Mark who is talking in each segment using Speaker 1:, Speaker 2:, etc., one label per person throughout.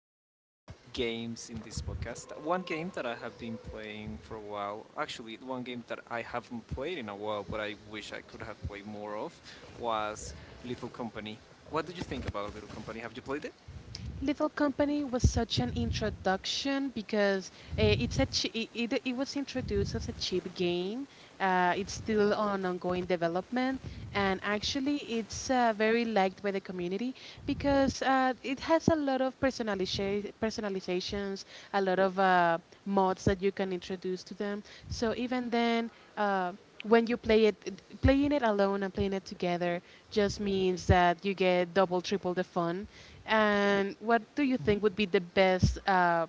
Speaker 1: about games in this podcast. One game that I have been playing for a while, actually, one game that I haven't played in a while, but I wish I could have played more of, was Little Company. What did you think about Little Company? Have you played it?
Speaker 2: Little Company was such an introduction because it was introduced as a cheap game. It's still on ongoing development, and actually, it's very liked by the community because it has a lot of personalizations, a lot of mods that you can introduce to them. So even then. Uh, when you play it, playing it alone and playing it together just means that you get double, triple the fun. And what do you think would be the best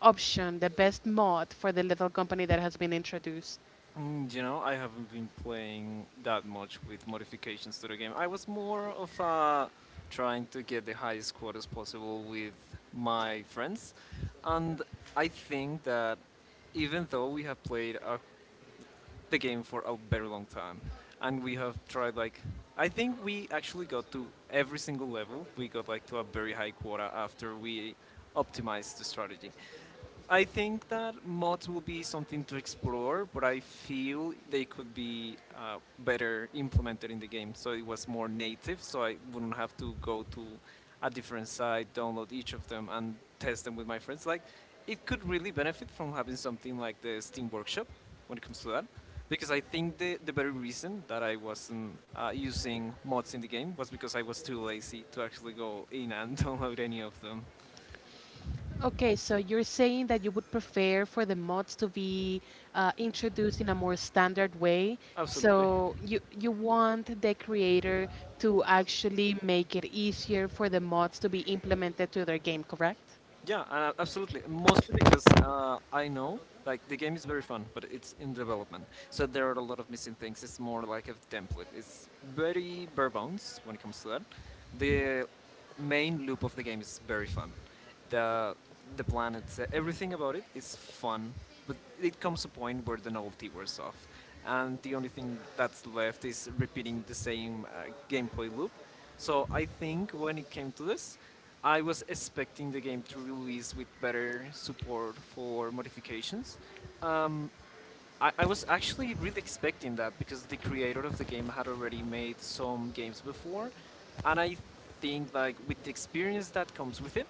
Speaker 2: option, the best mod for the Little Company that has been introduced?
Speaker 1: Mm, you know, I haven't been playing that much with modifications to the game. I was more of trying to get the highest score as possible with my friends, and I think that even though we have played the game for a very long time, and we have tried, like, I think we actually got to every single level. We got like to a very high quota after we optimized the strategy. I think that mods will be something to explore, but I feel they could be better implemented in the game. So it was more native, so I wouldn't have to go to a different site, download each of them, and test them with my friends. Like, it could really benefit from having something like the Steam Workshop when it comes to that, because I think the very reason that I wasn't using mods in the game was because I was too lazy to actually go in and download any of them.
Speaker 2: Okay, so you're saying that you would prefer for the mods to be introduced in a more standard way.
Speaker 1: Absolutely.
Speaker 2: So you want the creator to actually make it easier for the mods to be implemented to their game, correct?
Speaker 1: Yeah, absolutely. Mostly because I know, like, the game is very fun, but it's in development. So there are a lot of missing things. It's more like a template. It's very bare bones when it comes to that. The main loop of the game is very fun. The the planet, everything about it is fun, but it comes a point where the novelty wears off, and the only thing that's left is repeating the same gameplay loop. So I think when it came to this, I was expecting the game to release with better support for modifications. Um, I was actually really expecting that because the creator of the game had already made some games before, and I think, like, with the experience that comes with it,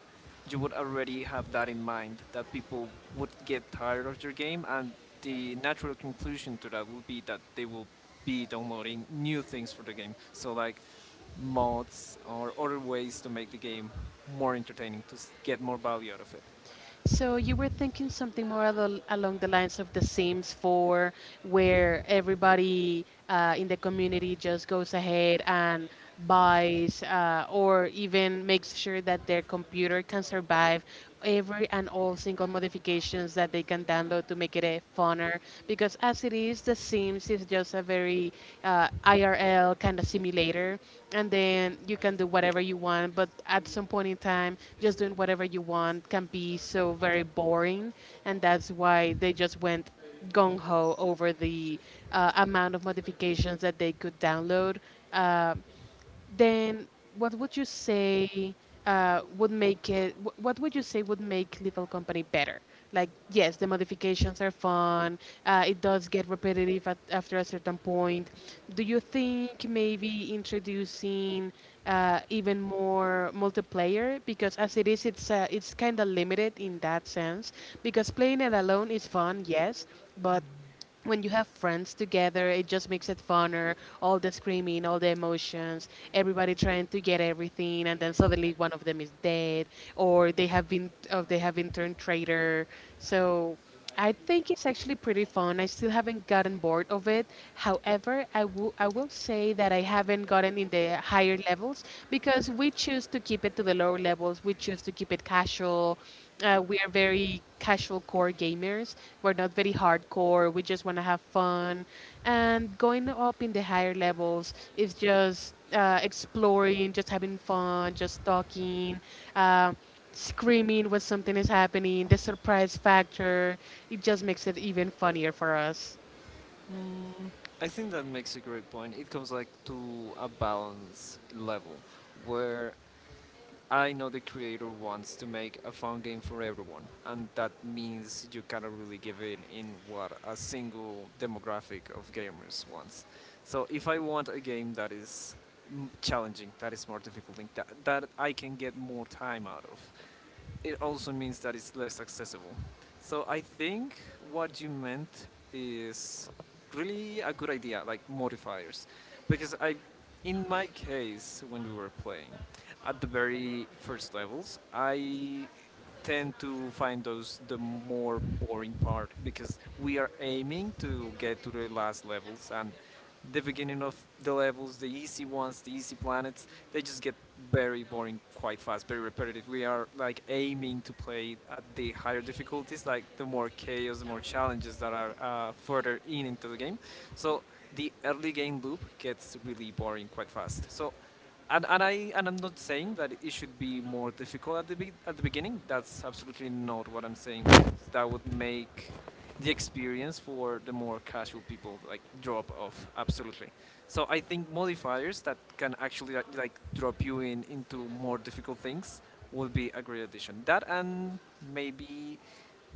Speaker 1: you would already have that in mind that people would get tired of your game, and the natural conclusion to that will be that they will be downloading new things for the game. So like mods or other ways to make the game more entertaining to get more value out of it.
Speaker 2: So you were thinking something more along the lines of The Sims 4, where everybody in the community just goes ahead and buys or even makes sure that their computer can survive every and all single modifications that they can download to make it a funner. Because as it is, The Sims is just a very IRL kind of simulator, and then you can do whatever you want. But at some point in time, just doing whatever you want can be so very boring, and that's why they just went gung ho over the amount of modifications that they could download. Um, then, what would you say would make it? What would you say would make Lethal Company better? Like, yes, the modifications are fun. It does get repetitive after a certain point. Do you think maybe introducing even more multiplayer? Because as it is, it's kind of limited in that sense. Because playing it alone is fun, yes, but when you have friends together, it just makes it funner. All the screaming, all the emotions, everybody trying to get everything, and then suddenly one of them is dead, or they have been turned traitor. So I think it's actually pretty fun. I still haven't gotten bored of it. However, I will say that I haven't gotten in the higher levels because we choose to keep it to the lower levels. We choose to keep it casual. We are very casual core gamers. We're not very hardcore. We just want to have fun. And going up in the higher levels is just exploring, just having fun, just talking, uh, screaming when something is happening, the surprise factor. It just makes it even funnier for us.
Speaker 1: I think that makes a great point. It comes like to a balance level where I know the creator wants to make a fun game for everyone, and that means you cannot really give in what a single demographic of gamers wants. So if I want a game that is challenging, that is more difficult, that I can get more time out of, it also means that it's less accessible. So I think what you meant is really a good idea, like modifiers, because I, in my case, when we were playing, at the very first levels, I tend to find those the more boring part because we are aiming to get to the last levels and the beginning of the levels, the easy ones, the easy planets, they just get very boring quite fast, very repetitive. We are like aiming to play at the higher difficulties, like the more chaos, the more challenges that are further in into the game. So the early game loop gets really boring quite fast. So and I'm not saying that it should be more difficult at the at the beginning. That's absolutely not what I'm saying because that would make the experience for the more casual people like drop off absolutely. So I think modifiers that can actually like, drop you in into more difficult things would be a great addition. That and maybe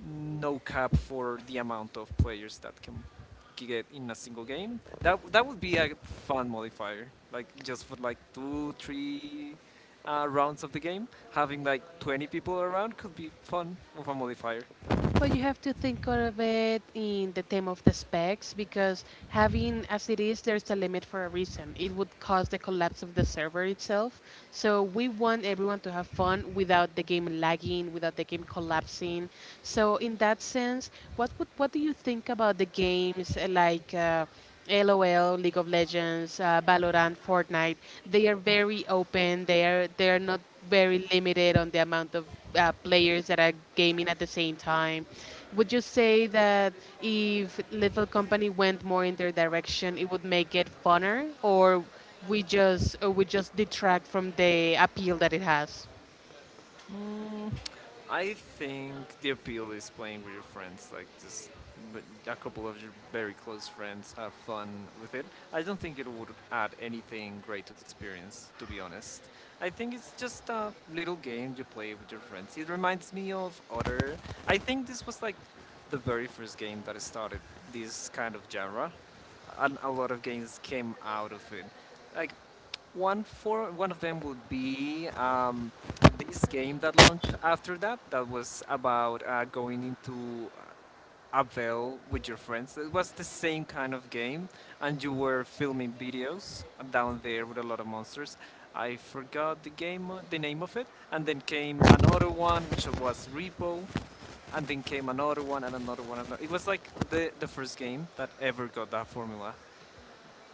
Speaker 1: no cap for the amount of players that can get in a single game. That would be a fun modifier. Like just for like two, three rounds of the game, having like 20 people around could be fun with a modifier.
Speaker 2: But you have to think of it in the term of the specs because having as it is, there's a limit for a reason. It would cause the collapse of the server itself. So we want everyone to have fun without the game lagging, without the game collapsing. So in that sense, what do you think about the games like LOL, League of Legends, Valorant, Fortnite? They are very open. They are not very limited on the amount of players that are gaming at the same time. Would you say that if Little Company went more in their direction, it would make it funner, or we just detract from the appeal that it has?
Speaker 1: Mm, I think the appeal is playing with your friends, like just but a couple of your very close friends have fun with it. I don't think it would add anything great to the experience, to be honest. I think it's just a little game you play with your friends. It reminds me of other. I think this was like the very first game that started this kind of genre, and a lot of games came out of it. Like one for one of them would be this game that launched after that. That was about going into a veil with your friends. It was the same kind of game, and you were filming videos down there with a lot of monsters. I forgot the game, the name of it, and then came another one, which was Repo, and then came another one and another one. And another. It was like the first game that ever got that formula,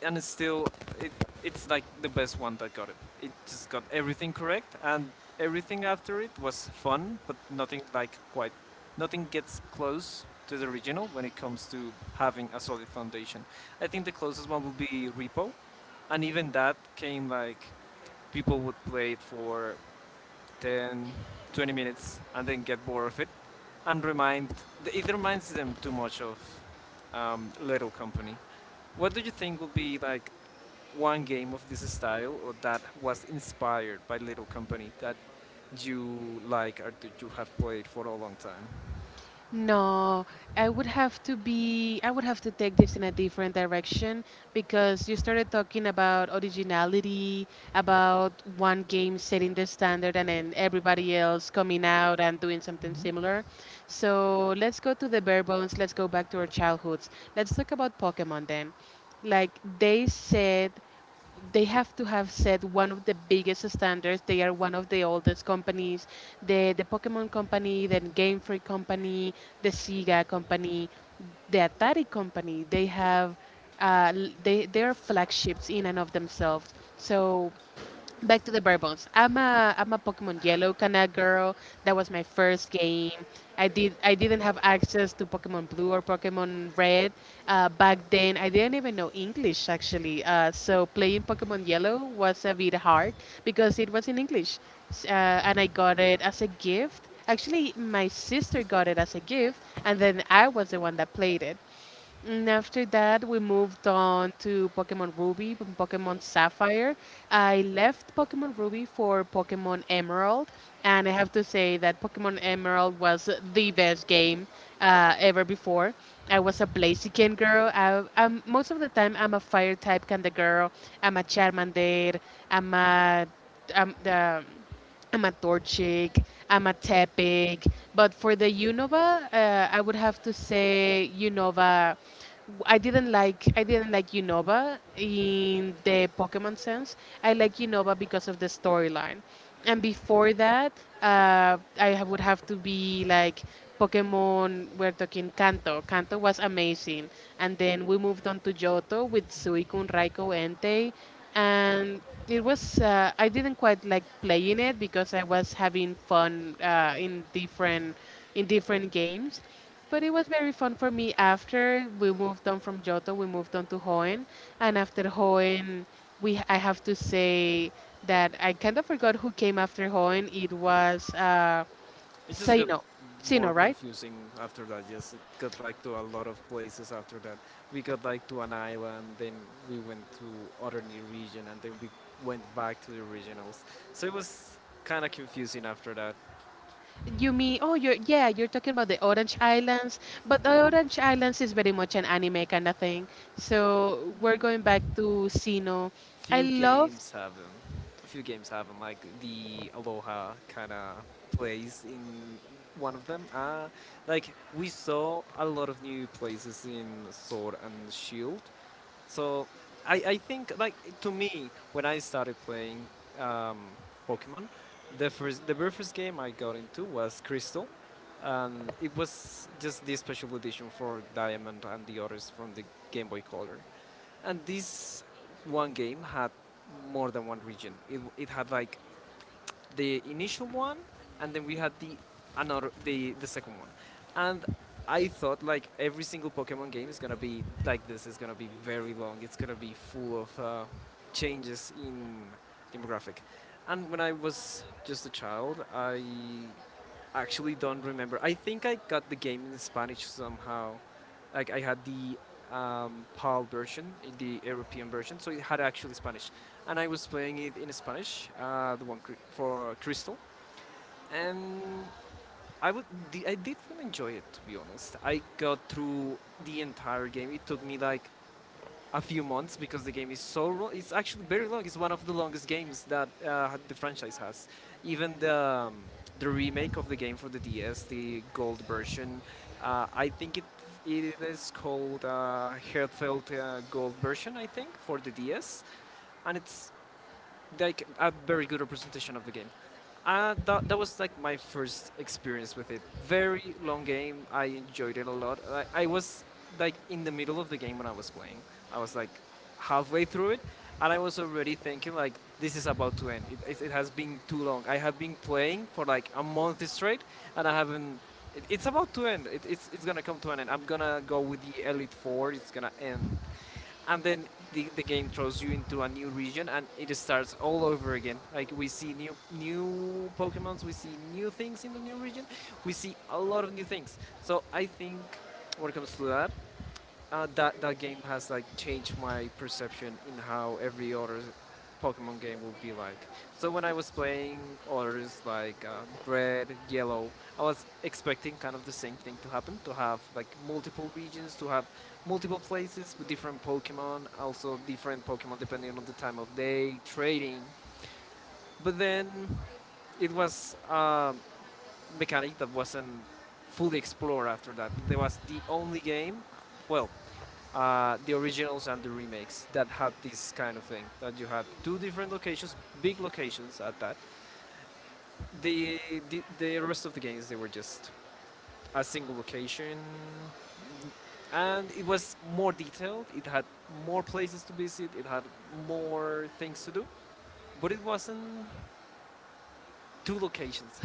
Speaker 1: and it's still it, it's like the best one that got it. It just got everything correct, and everything after it was fun, but nothing like quite, nothing gets close to the original when it comes to having a solid foundation. I think the closest one would be Repo, and even that came like people would play it for 10, 20 minutes and then get bored of it. And it reminds them too much of Little Company. What do you think will be like one game of this style or that was inspired by Little Company that you like or that you have played for a long time?
Speaker 2: No, I would have to take this in a different direction because you started talking about originality, about one game setting the standard and then everybody else coming out and doing something similar. So let's go to the bare bones. Let's go back to our childhoods. Let's talk about Pokemon then. Like, they said they have to have set one of the biggest standards. They are one of the oldest companies. The Pokemon company, the Game Freak company, the Sega company, the Atari company. They have they are flagships in and of themselves. So back to the bare bones. I'm a Pokemon Yellow kind of girl. That was my first game. I didn't have access to Pokemon Blue or Pokemon Red back then. I didn't even know English, actually. So playing Pokemon Yellow was a bit hard because it was in English. And I got it as a gift. Actually, my sister got it as a gift, and then I was the one that played it. And after that, we moved on to Pokemon Ruby and Pokemon Sapphire. I left Pokemon Ruby for Pokemon Emerald, and I have to say that Pokemon Emerald was the best game ever before. I was a Blaziken girl. Most of the time, I'm a fire type kind of girl. I'm a Charmander. I'm a um, the I'm a Torchic, I'm a Tepic, but for the Unova, I would have to say Unova. I didn't like Unova in the Pokemon sense. I like Unova because of the storyline, and before that, would have to be like Pokemon. We're talking Kanto. Kanto was amazing, and then we moved on to Johto with Suicune, Raikou, Entei. And it was I didn't quite like playing it because I was having fun in different games, but it was very fun for me. After we moved on from Johto, we moved on to Hoenn, and after Hoenn, we I have to say that I kind of forgot who came after Hoenn. It was
Speaker 1: It just got
Speaker 2: Sino, Sino,
Speaker 1: more
Speaker 2: right?
Speaker 1: confusing after that. Yes, it got like to a lot of places after that. We got like to an island, then we went to other new region, and then we went back to the originals. So it was kind of confusing after that.
Speaker 2: You mean, oh, you're, yeah, you're talking about the Orange Islands, but the Orange Islands is very much an anime kind of thing. So we're going back to Sino. I
Speaker 1: Few
Speaker 2: love.
Speaker 1: games have them. A few games have them, like the Aloha kind of place in one of them. Like we saw a lot of new places in Sword and Shield. So I think, like, to me, when I started playing um, Pokemon, the very first game I got into was Crystal, and it was just the special edition for Diamond and the others from the Game Boy Color. And this one game had more than one region. It had like the initial one, and then we had the another the second one, and I thought like every single Pokemon game is gonna be like this. It's gonna be very long. It's gonna be full of changes in demographic. And when I was just a child, I actually don't remember. I think I got the game in Spanish somehow. Like I had the PAL version, the European version, so it had actually Spanish, and I was playing it in Spanish, the one for Crystal, and I would I did really enjoy it, to be honest. I got through the entire game. It took me like a few months because the game is so it's actually very long. It's one of the longest games that the franchise has. Even the remake of the game for the DS, the gold version, I think it it is called Heartfelt Gold version, I think, for the DS, and it's like a very good representation of the game. That was like my first experience with it. Very long game. I enjoyed it a lot. I was like in the middle of the game when I was playing. I was like halfway through it, and I was already thinking like this is about to end. It has been too long. I have been playing for like a month straight, and I haven't. It's about to end. It's gonna come to an end. I'm gonna go with the Elite Four. It's gonna end and then the game throws you into a new region and it starts all over again. Like we see new pokemons, we see new things in the new region, we see a lot of new things. So I think when it comes to that, that game has like changed my perception in how every other Pokemon game will be like. So when I was playing others like Red, Yellow, I was expecting kind of the same thing to happen, to have like multiple regions, to have multiple places with different Pokemon, also different Pokemon depending on the time of day, trading. But then it was a mechanic that wasn't fully explored after that. There was the only game, well, the originals and the remakes that had this kind of thing that you had two different locations, big locations at that. The the, the rest of the games, they were just a single location, and it was more detailed. It had more places to visit, it had more things to do, but it wasn't two locations.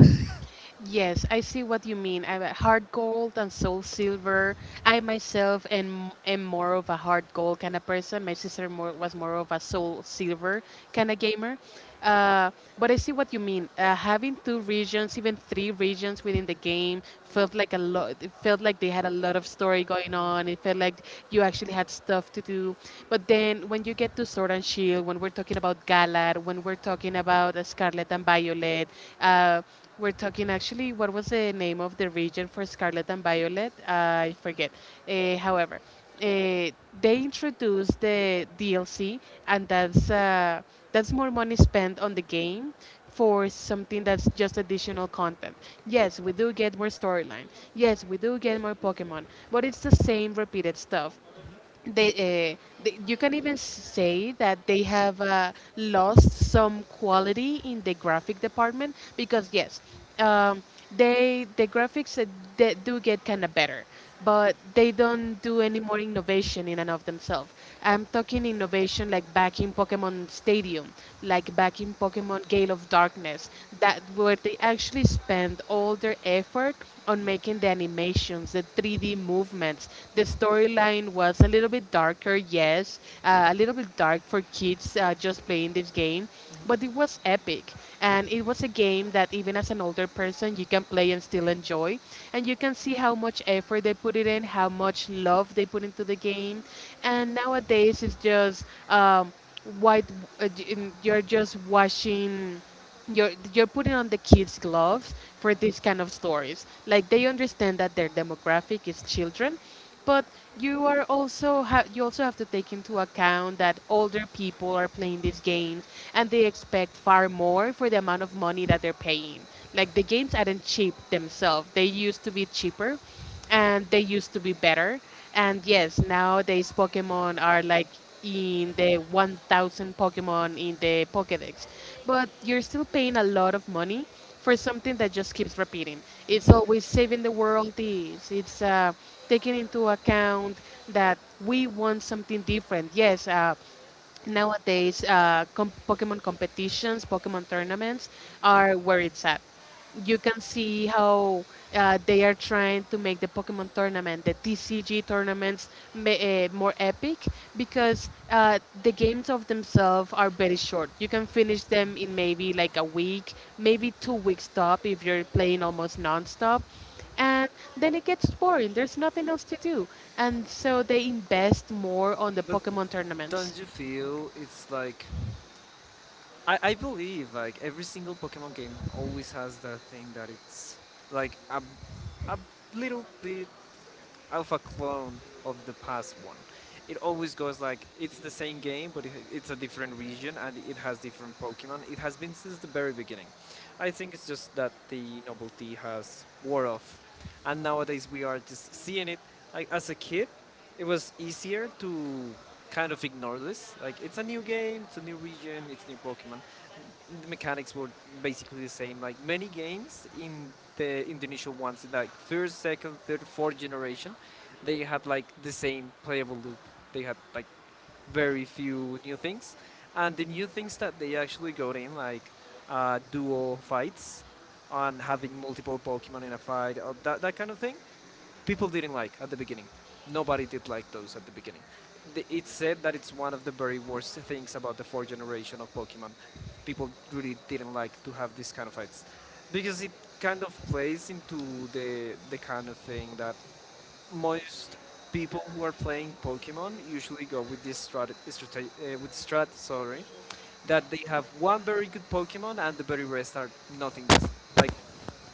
Speaker 2: Yes, I see what you mean. I'm a hard gold and Soul Silver. Am more of a hard gold kind of person. Was more of a Soul Silver kind of gamer. Uh, but I see what you mean. Having two regions, even three regions within the game, felt like a lot. It felt like they had a lot of story going on. It felt like you actually had stuff to do. But then when you get to Sword and Shield, when we're talking about guides, Galar, when we're talking about Scarlet and Violet, uh, we're talking, actually, what was the name of the region for Scarlet and Violet? I forget. However, they introduced the DLC, and that's more money spent on the game for something that's just additional content. Yes, we do get more storyline. Yes, we do get more Pokemon, but it's the same repeated stuff. They, uh, they you can even say that they have lost some quality in the graphic department. Because yes, um, the graphics they do get kind of better, but they don't do any more innovation in and of themselves. I'm talking innovation like back in Pokemon Stadium, like back in Pokemon Gale of Darkness, that where they actually spend all their effort on making the animations, the 3D movements. The storyline was a little bit darker, yes, a little bit dark for kids just playing this game, but it was epic. And it was a game that even as an older person, you can play and still enjoy. And you can see how much effort they put it in, how much love they put into the game. And nowadays, it's just um, white, you're just watching, you're putting on the kids gloves for these kind of stories. Like, they understand that their demographic is children, but you are also you also have to take into account that older people are playing these games, and they expect far more for the amount of money that they're paying. Like, the games aren't cheap themselves. They used to be cheaper, and they used to be better. And yes, nowadays Pokemon are like in the 1,000 Pokemon in the Pokedex. But you're still paying a lot of money for something that just keeps repeating. It's always saving the world this. It's taking into account that we want something different. Yes, nowadays, Pokemon competitions, Pokemon tournaments are where it's at. You can see how they are trying to make the Pokemon tournament, the TCG tournaments, more epic because the games of themselves are very short. You can finish them in maybe like a week, maybe 2 weeks top if you're playing almost non-stop, and then it gets boring. There's nothing else to do, and so they invest more on the
Speaker 1: But
Speaker 2: Pokemon tournaments.
Speaker 1: don't you feel it's like I believe like every single Pokemon game always has that thing that it's like a little bit alpha clone of the past one. It always goes like it's the same game, but it's a different region and it has different Pokemon. It has been since the very beginning. I think it's just that the novelty has wore off, and nowadays we are just seeing it. Like as a kid, it was easier to kind of ignore this. Like it's a new game, it's a new region, it's new Pokemon. The mechanics were basically the same. Like many games in the Indonesian ones, like first, second, third, fourth generation, they had like the same playable loop. They had like very few new things, and the new things that they actually got in, like dual fights, on having multiple Pokemon in a fight, or that kind of thing people didn't like at the beginning. Nobody did like those at the beginning. It's said that it's one of the very worst things about the fourth generation of Pokemon. People really didn't like to have these kind of fights because it kind of plays into the the kind of thing that most people who are playing Pokemon usually go with this strat, with strat, sorry, that they have one very good Pokemon and the very rest are nothing, just like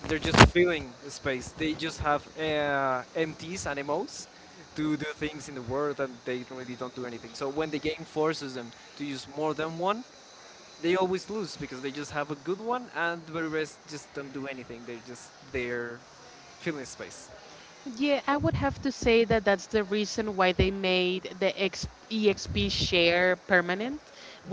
Speaker 1: they're just filling the space. They just have MTs and MOs to do things in the world, and they don't- really don't do anything. So when the game forces them to use more than one, they always lose because they just have a good one, and the rest just don't do anything. They're just there filling space.
Speaker 2: Yeah, I would have to say that that's the reason why they made the EXP share permanent,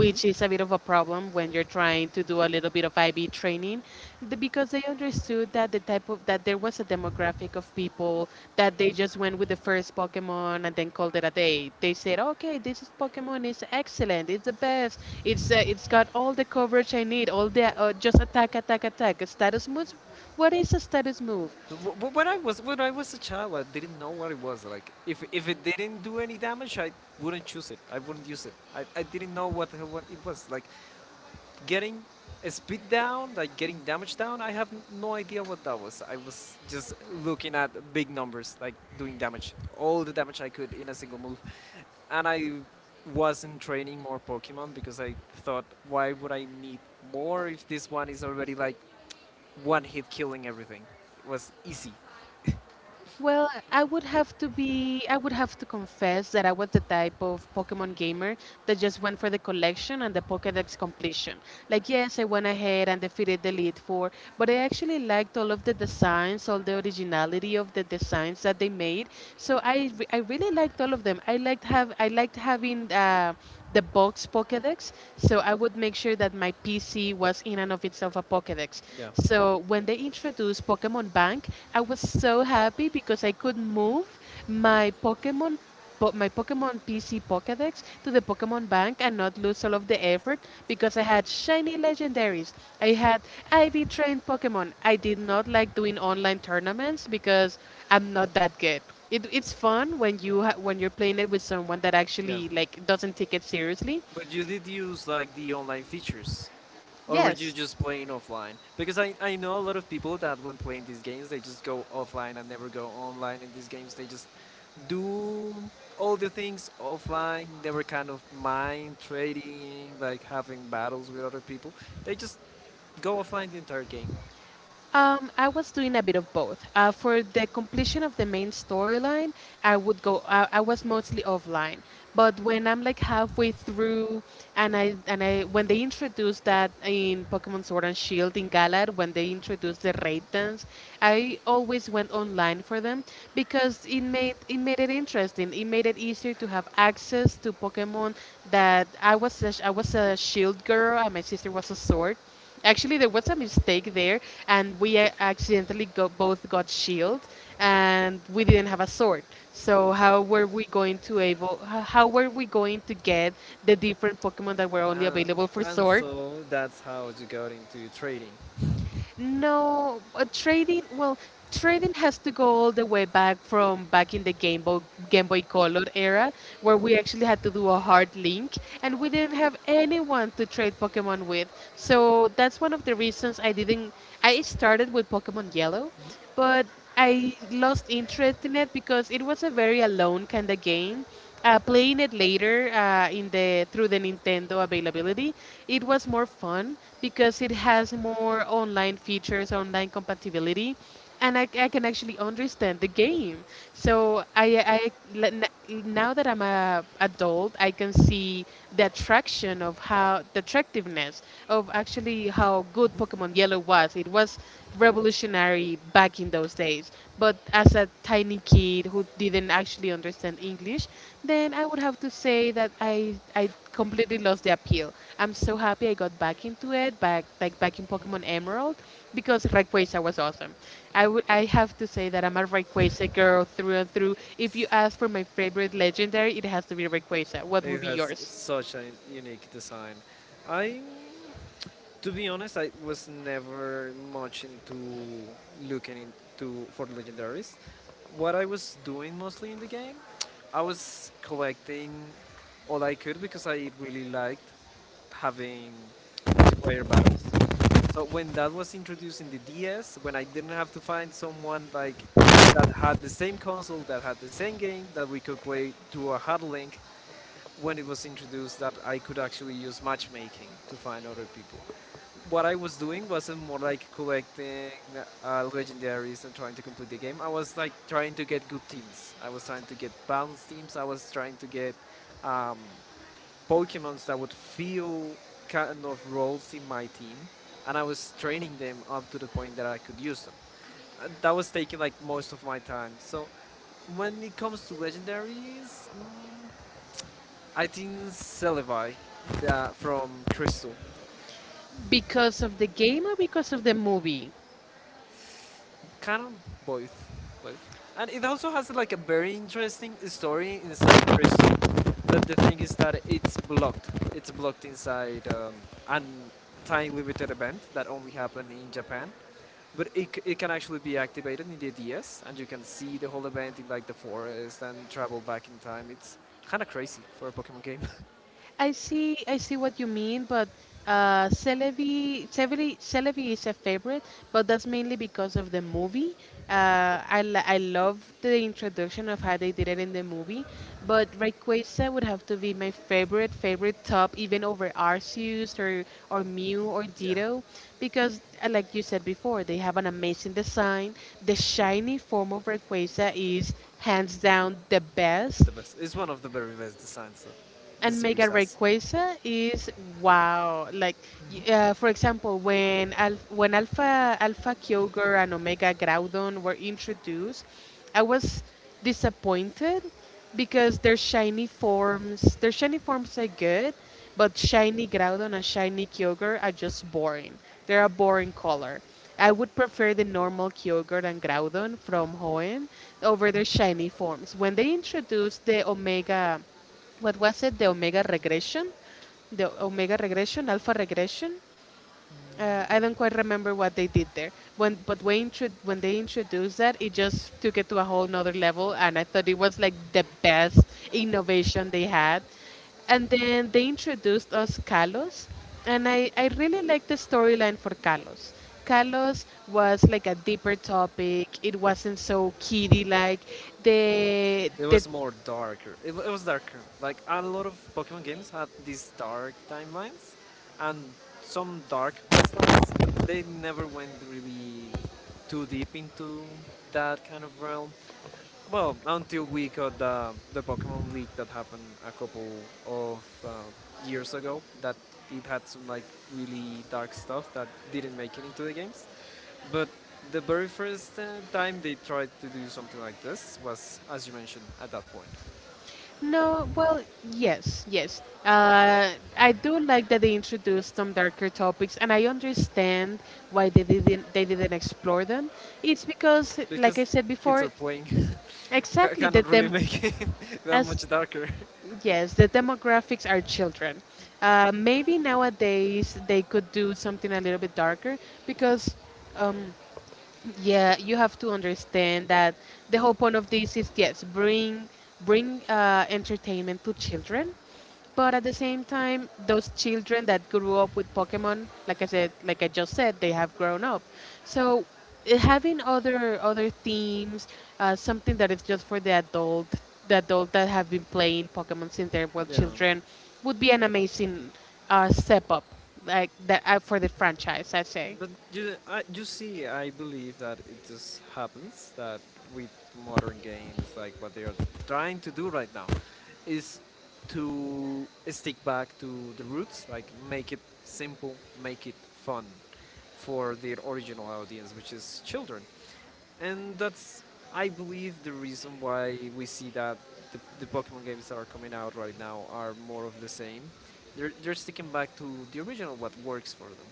Speaker 1: Mhm.
Speaker 2: is a bit of a problem when you're trying to do a little bit of IB training, because they understood that there was a demographic of people that they just went with the first Pokemon and then called it a day. They said, "Okay, this is Pokemon is excellent. It's the best. It's got all the coverage I need. All the just attack, attack, attack. A status move. What is a status move?"
Speaker 1: So when I was a child, I didn't know what it was like. If it didn't do any damage, I wouldn't choose it. I wouldn't use it. I didn't know what the hell what it was like. Getting a speed down, like getting damage down, I have no idea what that was. I was just looking at big numbers, like doing damage, all the damage I could in a single move. And I wasn't training more Pokemon because I thought, why would I need more if this one is already like one hit killing everything? It was easy.
Speaker 2: Well, I would have to confess that I was the type of Pokemon gamer that just went for the collection and the Pokédex completion. Like, yes, I went ahead and defeated the Elite Four, but I actually liked all of the designs, all the originality of the designs that they made. So I really liked all of them. I liked having the box Pokedex. So I would make sure that my PC was in and of itself a Pokedex.
Speaker 1: Yeah,
Speaker 2: So when they introduced Pokemon Bank, I was so happy because I could move my Pokemon my Pokemon PC Pokedex to the Pokemon Bank rank and not lose all of the effort because I had shiny legendaries. I had Ivy trained Pokemon. I did not like doing online tournaments because I'm not that good. It's fun when when you're playing it with someone that
Speaker 1: yeah.
Speaker 2: actually like doesn't take it seriously.
Speaker 1: But you did use like the online features. Or were you
Speaker 2: Yes.
Speaker 1: just playing offline? Because I know a lot of people that when playing these games, they just go offline and never go online. In these games, they just do all the things offline. They were kind of mind trading, like having battles with other people. They just go offline the entire game.
Speaker 2: I was doing a bit of both. For the completion of the main storyline, I would go. I was mostly offline, but when I'm like halfway through, and I when they introduced that in Pokemon Sword and Shield in Galar, when they introduced the raid dance, I always went online for them because it made it interesting. It made it easier to have access to Pokemon that I was a Shield girl and my sister was a Sword. Actually, there was a mistake there, and we accidentally both got shield, and we didn't have a sword. So how were we going to able? How were we going to get the different Pokemon that were only
Speaker 1: And,
Speaker 2: available for
Speaker 1: and
Speaker 2: sword?
Speaker 1: so that's how you got into trading.
Speaker 2: No, trading. Well, trading has to go all the way back from back in the Game Boy Color era, where we actually had to do a hard link, and we didn't have anyone to trade Pokemon with. So that's one of the reasons I didn't. I started with Pokemon Yellow, but I lost interest in it because it was a very alone kind of game. Playing it later in the through the Nintendo availability, it was more fun because it has more online features, online compatibility, and I can actually understand the game. So l- now that I'm a adult, I can see the attraction of how the attractiveness of actually how good Pokemon Yellow was. It was revolutionary back in those days. But as a tiny kid who didn't actually understand English, then I would have to say that I completely lost the appeal. I'm so happy I got back into it, back in Pokemon Emerald, because Rayquaza was awesome. I have to say that I'm a Rayquaza girl through and through. If you ask for my favorite legendary, it has to be Rayquaza. What would
Speaker 1: It
Speaker 2: be
Speaker 1: has
Speaker 2: yours?
Speaker 1: such a unique design. I'm To be honest, I was never much into looking into for legendaries. What I was doing mostly in the game, I was collecting all I could because I really liked having multiplayer battles. So when that was introduced in the DS, when I didn't have to find someone like that had the same console, that had the same game, that we could play through a hard link, when it was introduced, that I could actually use matchmaking to find other people, what I was doing wasn't more like collecting legendaries and trying to complete the game. I was like trying to get good teams. I was trying to get balanced teams. I was trying to get um, Pokemons that would fill kind of roles in my team, and I was training them up to the point that I could use them. That was taking like most of my time. So when it comes to legendaries, I think Celebi, from Crystal.
Speaker 2: Because of the game or because of the movie?
Speaker 1: Kind of both, both, and it also has like a very interesting story inside Crystal, but the thing is that it's blocked. It's blocked inside an time limited event that only happened in Japan, but it can actually be activated in the DS, and you can see the whole event in like the forest and travel back in time. It's kind of crazy for a Pokemon game.
Speaker 2: I see what you mean, but Celebi is a favorite, but that's mainly because of the movie. I love the introduction of how they did it in the movie, but Rayquaza would have to be my favorite, favorite top, even over Arceus, or Mew or
Speaker 1: Yeah,
Speaker 2: Ditto, because like you said before, they have an amazing design. The shiny form of Rayquaza is hands down the best,
Speaker 1: the best. It's one of the very best designs that the
Speaker 2: and Mega
Speaker 1: series has.
Speaker 2: Rayquaza is wow. Like for example, when Alpha Kyogre and Omega Groudon were introduced, I was disappointed because their shiny forms are good, but shiny Groudon and shiny Kyogre are just boring. They're a boring color. I would prefer the normal Kyogre and Groudon from Hoenn over their shiny forms. When they introduced the Omega, what was it? The Omega Regression, Alpha Regression. I don't quite remember what they did there. When but When they introduced that, it just took it to a whole nother level, and I thought it was like the best innovation they had. And then they introduced us Kalos, and I really liked the storyline for Kalos. Kalos was like a deeper topic. It wasn't so kiddie like.
Speaker 1: It
Speaker 2: The
Speaker 1: was more darker. It was darker. Like a lot of Pokemon games had these dark timelines and some dark quest lines, but they never went really too deep into that kind of realm. Well, until we got the Pokemon leak that happened a couple of years ago, that it had some like really dark stuff that didn't make it into the games. But the very first time they tried to do something like this was, as you mentioned, at that point.
Speaker 2: No, well, yes, yes. I do like that they introduced some darker topics, and I understand why they didn't explore them. It's because, like
Speaker 1: Because
Speaker 2: I said
Speaker 1: kids
Speaker 2: before,
Speaker 1: are playing,
Speaker 2: exactly
Speaker 1: cannot
Speaker 2: that
Speaker 1: really
Speaker 2: them
Speaker 1: make it that
Speaker 2: as,
Speaker 1: much darker.
Speaker 2: yes, the demographics are children. Maybe nowadays they could do something a little bit darker because. Um, yeah, you have to understand that the whole point of this is, yes, bring entertainment to children, but at the same time, those children that grew up with Pokemon, like I said, like I just said, they have grown up. So having other themes, something that is just for the adult that have been playing Pokemon since they were
Speaker 1: Yeah.
Speaker 2: children, would be an amazing step up, like that for the franchise, I'd say.
Speaker 1: But you see, I believe that it just happens that with modern games, like what they are trying to do right now, is to stick back to the roots, like make it simple, make it fun for their original audience, which is children. And that's I believe the reason why we see that the Pokemon games that are coming out right now are more of the same. They're sticking back to the original what works for them,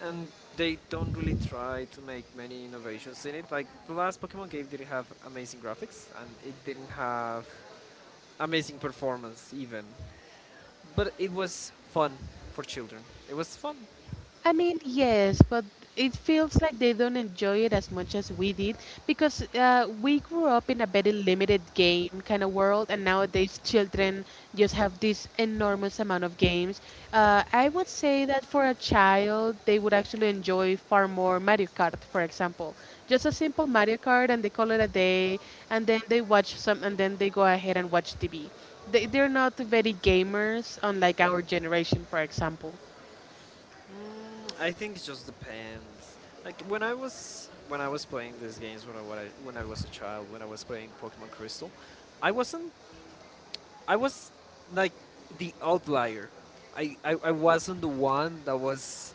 Speaker 1: and they don't really try to make many innovations in it. Like the last Pokemon game didn't have amazing graphics and it didn't have amazing performance even, but it was fun for children. It was fun.
Speaker 2: I mean, yes, but it feels like they don't enjoy it as much as we did because we grew up in a very limited game kind of world, and nowadays children just have this enormous amount of games. I would say that for a child, they would actually enjoy far more Mario Kart, for example. Just a simple Mario Kart, and they call it a day, and then they watch some, and then they go ahead and watch TV. They're not very gamers, unlike our generation, for example.
Speaker 1: Mm, I think it just depends. Like when I was playing these games when I was a child when I was playing Pokemon Crystal, I wasn't I was like the outlier. I wasn't the one that was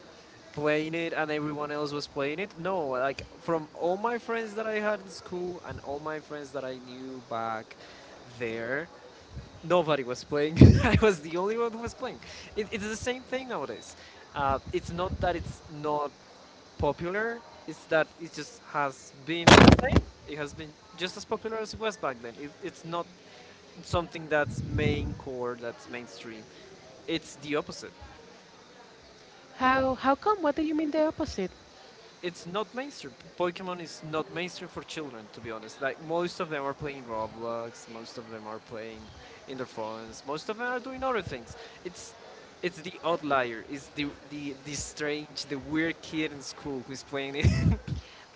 Speaker 1: playing it and everyone else was playing it. No, like from all my friends that I had in school and all my friends that I knew back there, nobody was playing. I was the only one who was playing. It's the same thing nowadays. It's not that it's not popular. It's that it just has been the same. It has been just as popular as it was back then. It's not something that's main core, that's mainstream. It's the opposite.
Speaker 2: How come? What do you mean the opposite?
Speaker 1: It's not mainstream. Pokemon is not mainstream for children, to be honest. Like most of them are playing Roblox, most of them are playing in their phones, most of them are doing other things. It's it's the outlier. It's the strange, the weird kid in school who's playing it.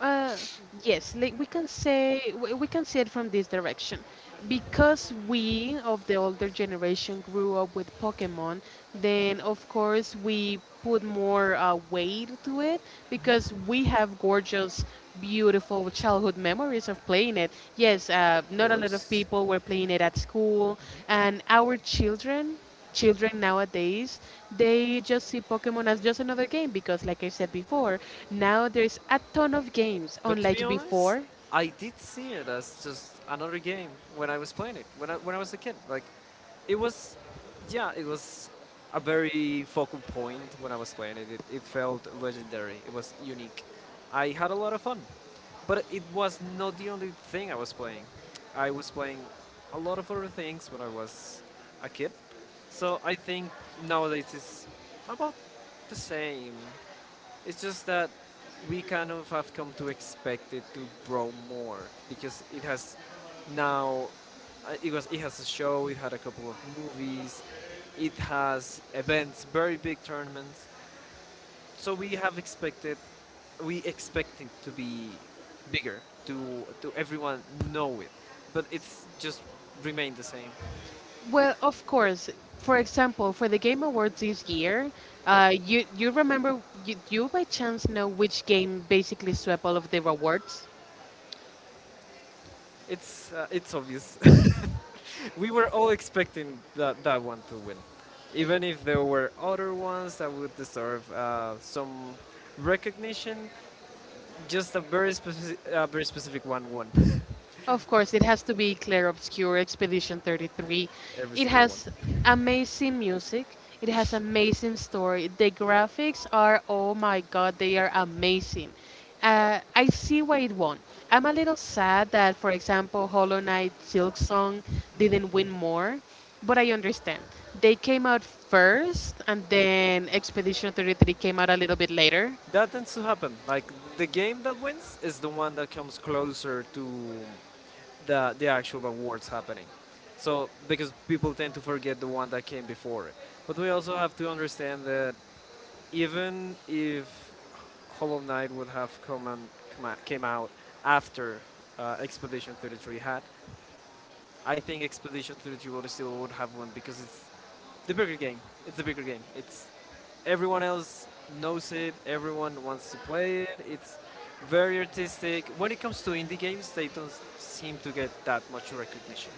Speaker 2: Uh, yes, like we can see it from this direction. Because we of the older generation grew up with Pokemon, then of course we put more weight to it because we have gorgeous, beautiful childhood memories of playing it. Yes,
Speaker 1: Of
Speaker 2: not a lot of
Speaker 1: course.
Speaker 2: people were playing it at school, and our children. Children nowadays, they just see pokemon as just another game because, like I said before, now there's a ton of games
Speaker 1: But to be
Speaker 2: unlike
Speaker 1: honest,
Speaker 2: before.
Speaker 1: I did see it as just another game when I was playing it when I was a kid. Like, it was, yeah, it was a very focal point when I was playing it. It felt legendary. It was unique. I had a lot of fun, but it was not the only thing I was playing. I was playing a lot of other things when I was a kid. So I think nowadays it's about the same. It's just that we kind of have come to expect it to grow more because it has now it has a show, it had a couple of movies, it has events, very big tournaments. So we expect it to be bigger, to everyone know it, but it's just remained the same.
Speaker 2: Well, of course, for example, for the game awards this year, you remember, do you by chance know which game basically swept all of the awards?
Speaker 1: It's obvious. We were all expecting that, that one to win. Even if there were other ones that would deserve some recognition, just a very, a very specific one won.
Speaker 2: Of course, it has to be Clair Obscur Expedition 33.
Speaker 1: Every
Speaker 2: It
Speaker 1: single one.
Speaker 2: has amazing music. It has amazing story. The graphics are oh my god, they are amazing. I see why it won. I'm a little sad that, for example, Hollow Knight Silk Song didn't win more, but I understand. They came out first, and then Expedition 33 came out a little bit later.
Speaker 1: That tends to happen. Like the game that wins is the one that comes closer to the actual awards happening. So because people tend to forget the one that came before it. But we also have to understand that even if Hollow Knight would have come and come came out after Expedition 33 had, I think Expedition 33 would still would have won because it's the bigger game. It's the bigger game. It's everyone else knows it. Everyone wants to play it. It's very artistic. When it comes to indie games, they don't seem to get that much recognition.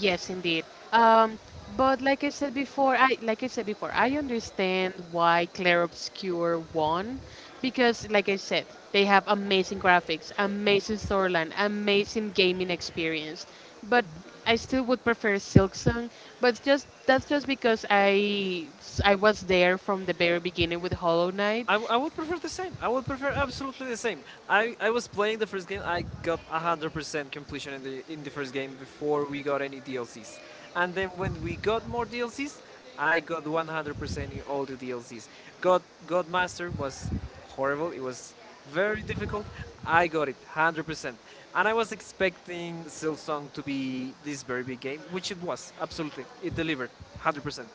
Speaker 2: Yes, indeed. Um, but like I said before, I understand why Claire Obscure won because, like I said, they have amazing graphics, amazing storyline, amazing gaming experience. But I still would prefer Silk Song. But just that's just because I was there from the very beginning with Hollow Knight.
Speaker 1: I would prefer the same. I would prefer absolutely the same. I was playing the first game. I got 100% completion in the first game before we got any DLCs. And then when we got more DLCs, I got 100% in all the DLCs. God God Master was horrible. It was very difficult. I got it 100%. And I was expecting Silsong to be this very big game, which it was. Absolutely. It delivered 100%.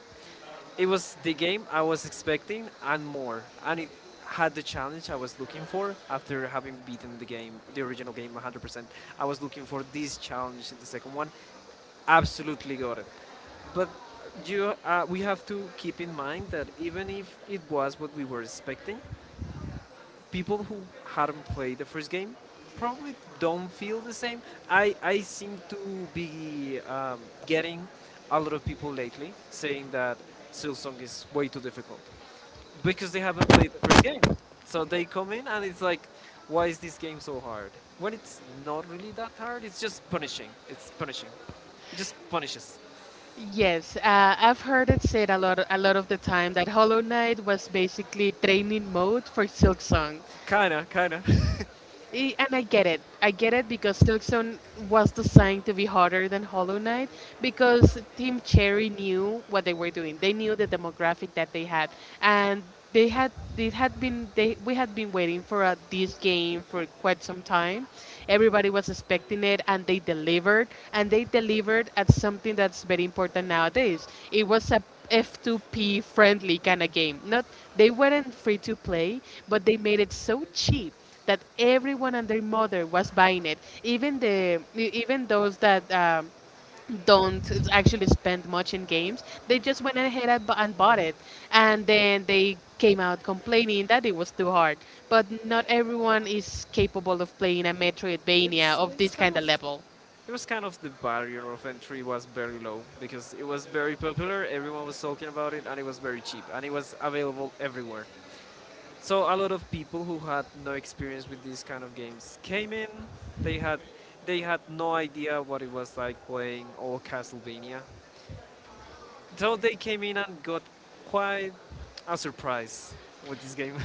Speaker 1: It was the game I was expecting and more, and it had the challenge I was looking for after having beaten the game, the original game 100%. I was looking for this challenge in the second one. Absolutely got it. But we have to keep in mind that even if it was what we were expecting, people who have not played the first game probably don't feel the same. I seem to be getting a lot of people lately saying that Silsong is way too difficult because they haven't played the first game. So they come in and it's like, why is this game so hard? When it's not really that hard, it's just punishing. It's punishing. It just punishes.
Speaker 2: Yes, I've heard it said a lot of the time that Hollow Knight was basically training mode for Silk Song.
Speaker 1: Kinda, kinda.
Speaker 2: And I get it. I get it because Silkstone was designed to be harder than Hollow Knight because Team Cherry knew what they were doing. They knew the demographic that they had, and they had been they we had been waiting for this game for quite some time. Everybody was expecting it, and they delivered. And they delivered at something that's very important nowadays. It was a F2P friendly kind of game. Not they weren't free to play, but they made it so cheap that everyone and their mother was buying it, even even those that don't actually spend much in games. They just went ahead and bought it, and then they came out complaining that it was too hard. But not everyone is capable of playing a Metroidvania of this kind of level.
Speaker 1: It was kind of — the barrier of entry was very low because it was very popular, everyone was talking about it, and it was very cheap, and it was available everywhere. So a lot of people who had no experience with these kind of games came in. They had they had no idea what it was like playing all Castlevania. So they came in and got quite a surprise with this game.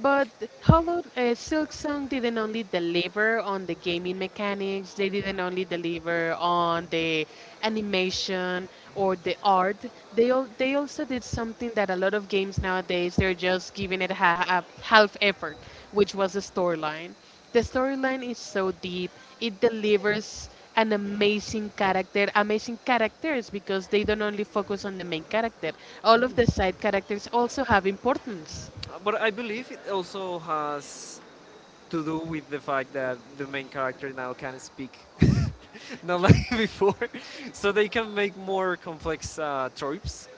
Speaker 2: But Hollow Silk Song didn't only deliver on the gaming mechanics, they didn't only deliver on the animation or the art. They also did something that a lot of games nowadays they're just giving it a half effort, which was the storyline. The storyline is so deep. It delivers an amazing character, amazing characters because they don't only focus on the main character. All of the side characters also have importance.
Speaker 1: But I believe it also has to do with the fact that the main character now can speak, not like before. So they can make more complex tropes,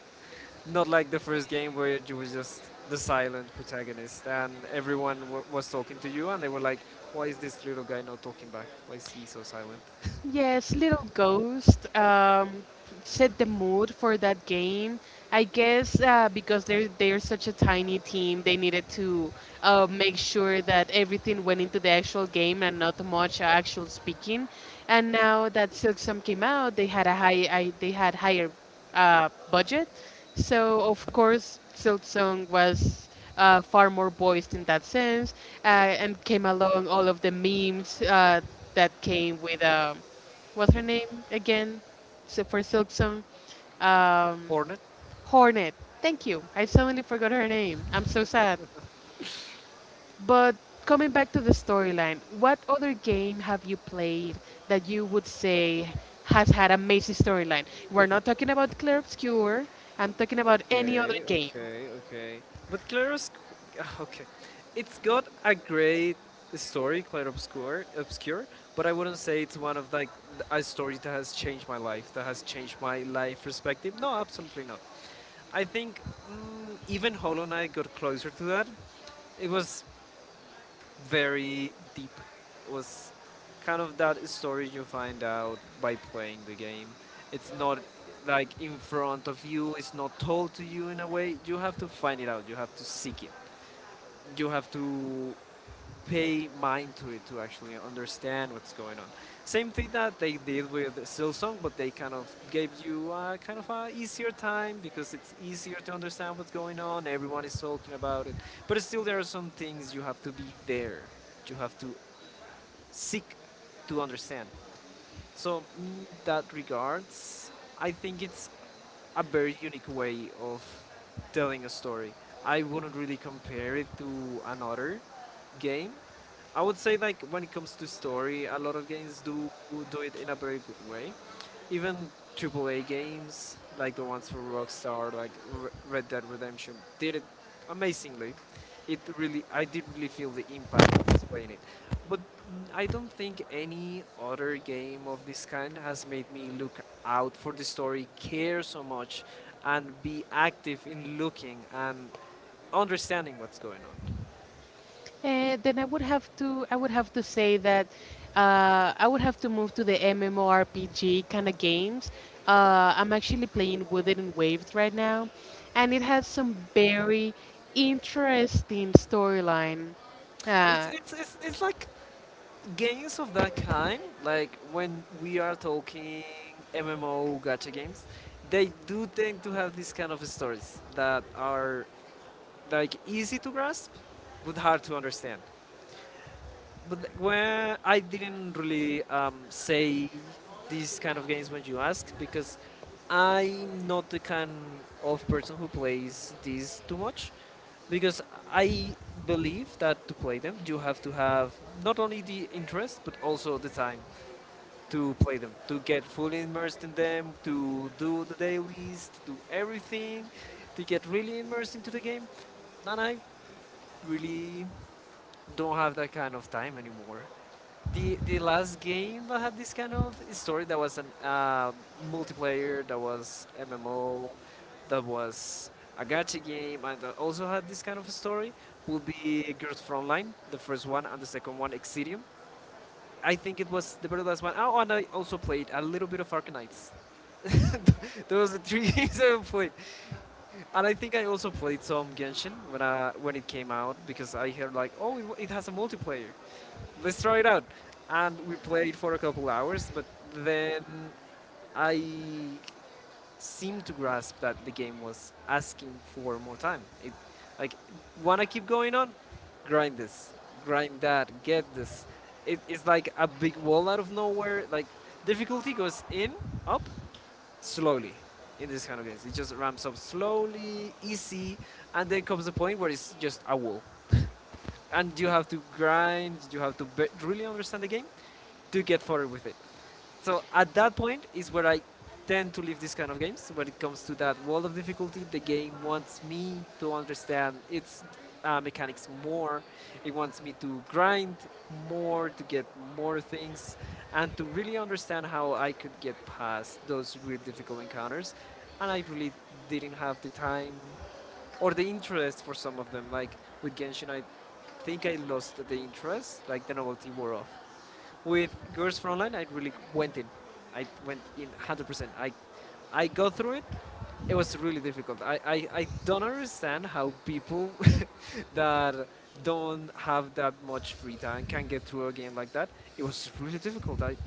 Speaker 1: not like the first game where you were just the silent protagonist and was talking to you and they were like, why is this little guy not talking back? Why is he so silent?
Speaker 2: Yes, Little Ghost set the mood for that game. I guess because they're such a tiny team, they needed to make sure that everything went into the actual game and not much actual speaking. And now that Silk Song came out, they had higher budget, so of course Silk Song was far more voiced in that sense, and came along all of the memes that came with what's her name again? So for Silk um,
Speaker 1: Hornet.
Speaker 2: Hornet. Thank you. I suddenly forgot her name. I'm so sad. But coming back to the storyline, what other game have you played that you would say has had amazing storyline? We're not talking about Clear Obscure. I'm talking about any other
Speaker 1: Okay, other game.
Speaker 2: game.
Speaker 1: Okay, okay. But Claroscur, okay, it's got a great story, Claroscur, obscure. But I wouldn't say it's one of like a story that has changed my life, that has changed my life perspective. No, absolutely not. I think, even Hollow Knight got closer to that. It was very deep. It was kind of that story you find out by playing the game. It's not like in front of you, it's not told to you in a way. You have to find it out, you have to seek it. You have to pay mind to it to actually understand what's going on. Same thing that they did with Silsong, but they kind of gave you kind of a easier time because it's easier to understand what's going on. Everyone is talking about it, but still there are some things you have to be there. You have to seek to understand. So in that regards, I think it's a very unique way of telling a story. I wouldn't really compare it to another game. I would say like when it comes to story, a lot of games do do it in a very good way. Even AAA games like the ones from Rockstar, like Red Dead Redemption, did it amazingly. It really, I did really feel the impact when I was playing it. But, I don't think any other game of this kind has made me look out for the story, care so much, and be active in looking and understanding what's going on.
Speaker 2: Then I would have to say that I would have to move to the MMORPG kind of games. I'm actually playing Wooded Waves right now, and it has some very interesting storyline.
Speaker 1: It's
Speaker 2: Uh,
Speaker 1: it's it's, it's like games of that kind, like when we are talking MMO gacha games, they do tend to have these kind of stories that are like easy to grasp but hard to understand. But like, when I didn't really say these kind of games when you asked, because I'm not the kind of person who plays these too much because I believe that to play them you have to have not only the interest but also the time to play them, to get fully immersed in them, to do the dailies, to do everything, to get really immersed into the game. And I really don't have that kind of time anymore. The last game that had this kind of story that was a multiplayer, that was MMO, that was a gacha game, and that also had this kind of a story will be Girls Frontline, the first one, and the second one, Exidium. I think it was the very last one. Oh, and I also played a little bit of Arcanites. Those are the three games I played, and I think I also played some Genshin when when it came out because I heard like, oh, it has a multiplayer. Let's try it out, and we played for a couple hours. But then I seemed to grasp that the game was asking for more time. It, like, wanna keep going on? Grind this, grind that, get this. It's like a big wall out of nowhere. Like, difficulty goes in, up, slowly in this kind of games. It just ramps up slowly, easy, and then comes the point where it's just a wall. And you have to grind, you have to really understand the game to get forward with it. So at that point is where I tend to leave these kind of games. When it comes to that world of difficulty, the game wants me to understand its mechanics more. It wants me to grind more, to get more things, and to really understand how I could get past those really difficult encounters. And I really didn't have the time or the interest for some of them. Like with Genshin, I think I lost the interest, like the novelty wore off. With Girls Frontline, I really went in. I went in 100%. I go through it. It was really difficult. I don't understand how people that don't have that much free time can get through a game like that. It was really difficult. I,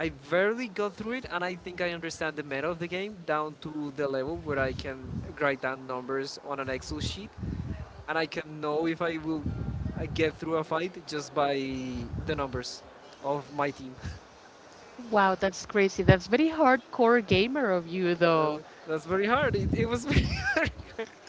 Speaker 1: I barely got through it, and I think I understand the meta of the game down to the level where I can write down numbers on an Excel sheet, and I can know if I will get through a fight just by the numbers of my team.
Speaker 2: wow, that's crazy. That's very hardcore gamer of you,
Speaker 1: Uh,
Speaker 2: though.
Speaker 1: that's very hard. It was very hard.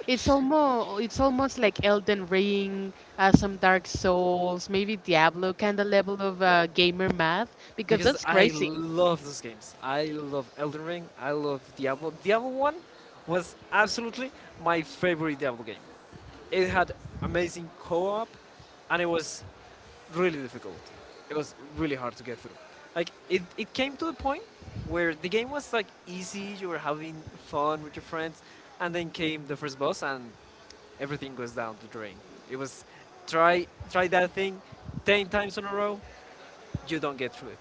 Speaker 2: It's almost like Elden Ring, some Dark Souls, maybe Diablo kind of level of gamer math because
Speaker 1: Because
Speaker 2: that's
Speaker 1: I
Speaker 2: crazy.
Speaker 1: love those games. I love Elden Ring. I love Diablo. Diablo 1 was absolutely my favorite Diablo game. It had amazing co op and it was really difficult. It was really hard to get through. Like, it came to the point where the game was like easy, you were having fun with your friends, and then came the first boss and everything goes down the drain. It was try that thing 10 times in a row, you don't get through it.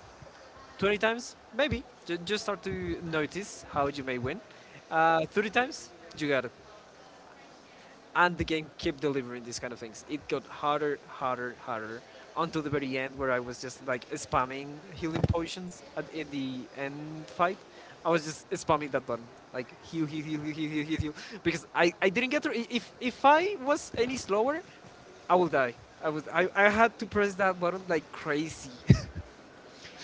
Speaker 1: 20 times, maybe. Just start to notice how you may win. 30 times, you got it. And the game kept delivering these kind of things. It got harder, harder, harder, until the very end where I was just like spamming healing potions at, in the end fight. I was just spamming that button, like heal, heal, heal, heal, heal, heal, heal, because I didn't get through. If I was any slower, I will die. I had to press that button like crazy.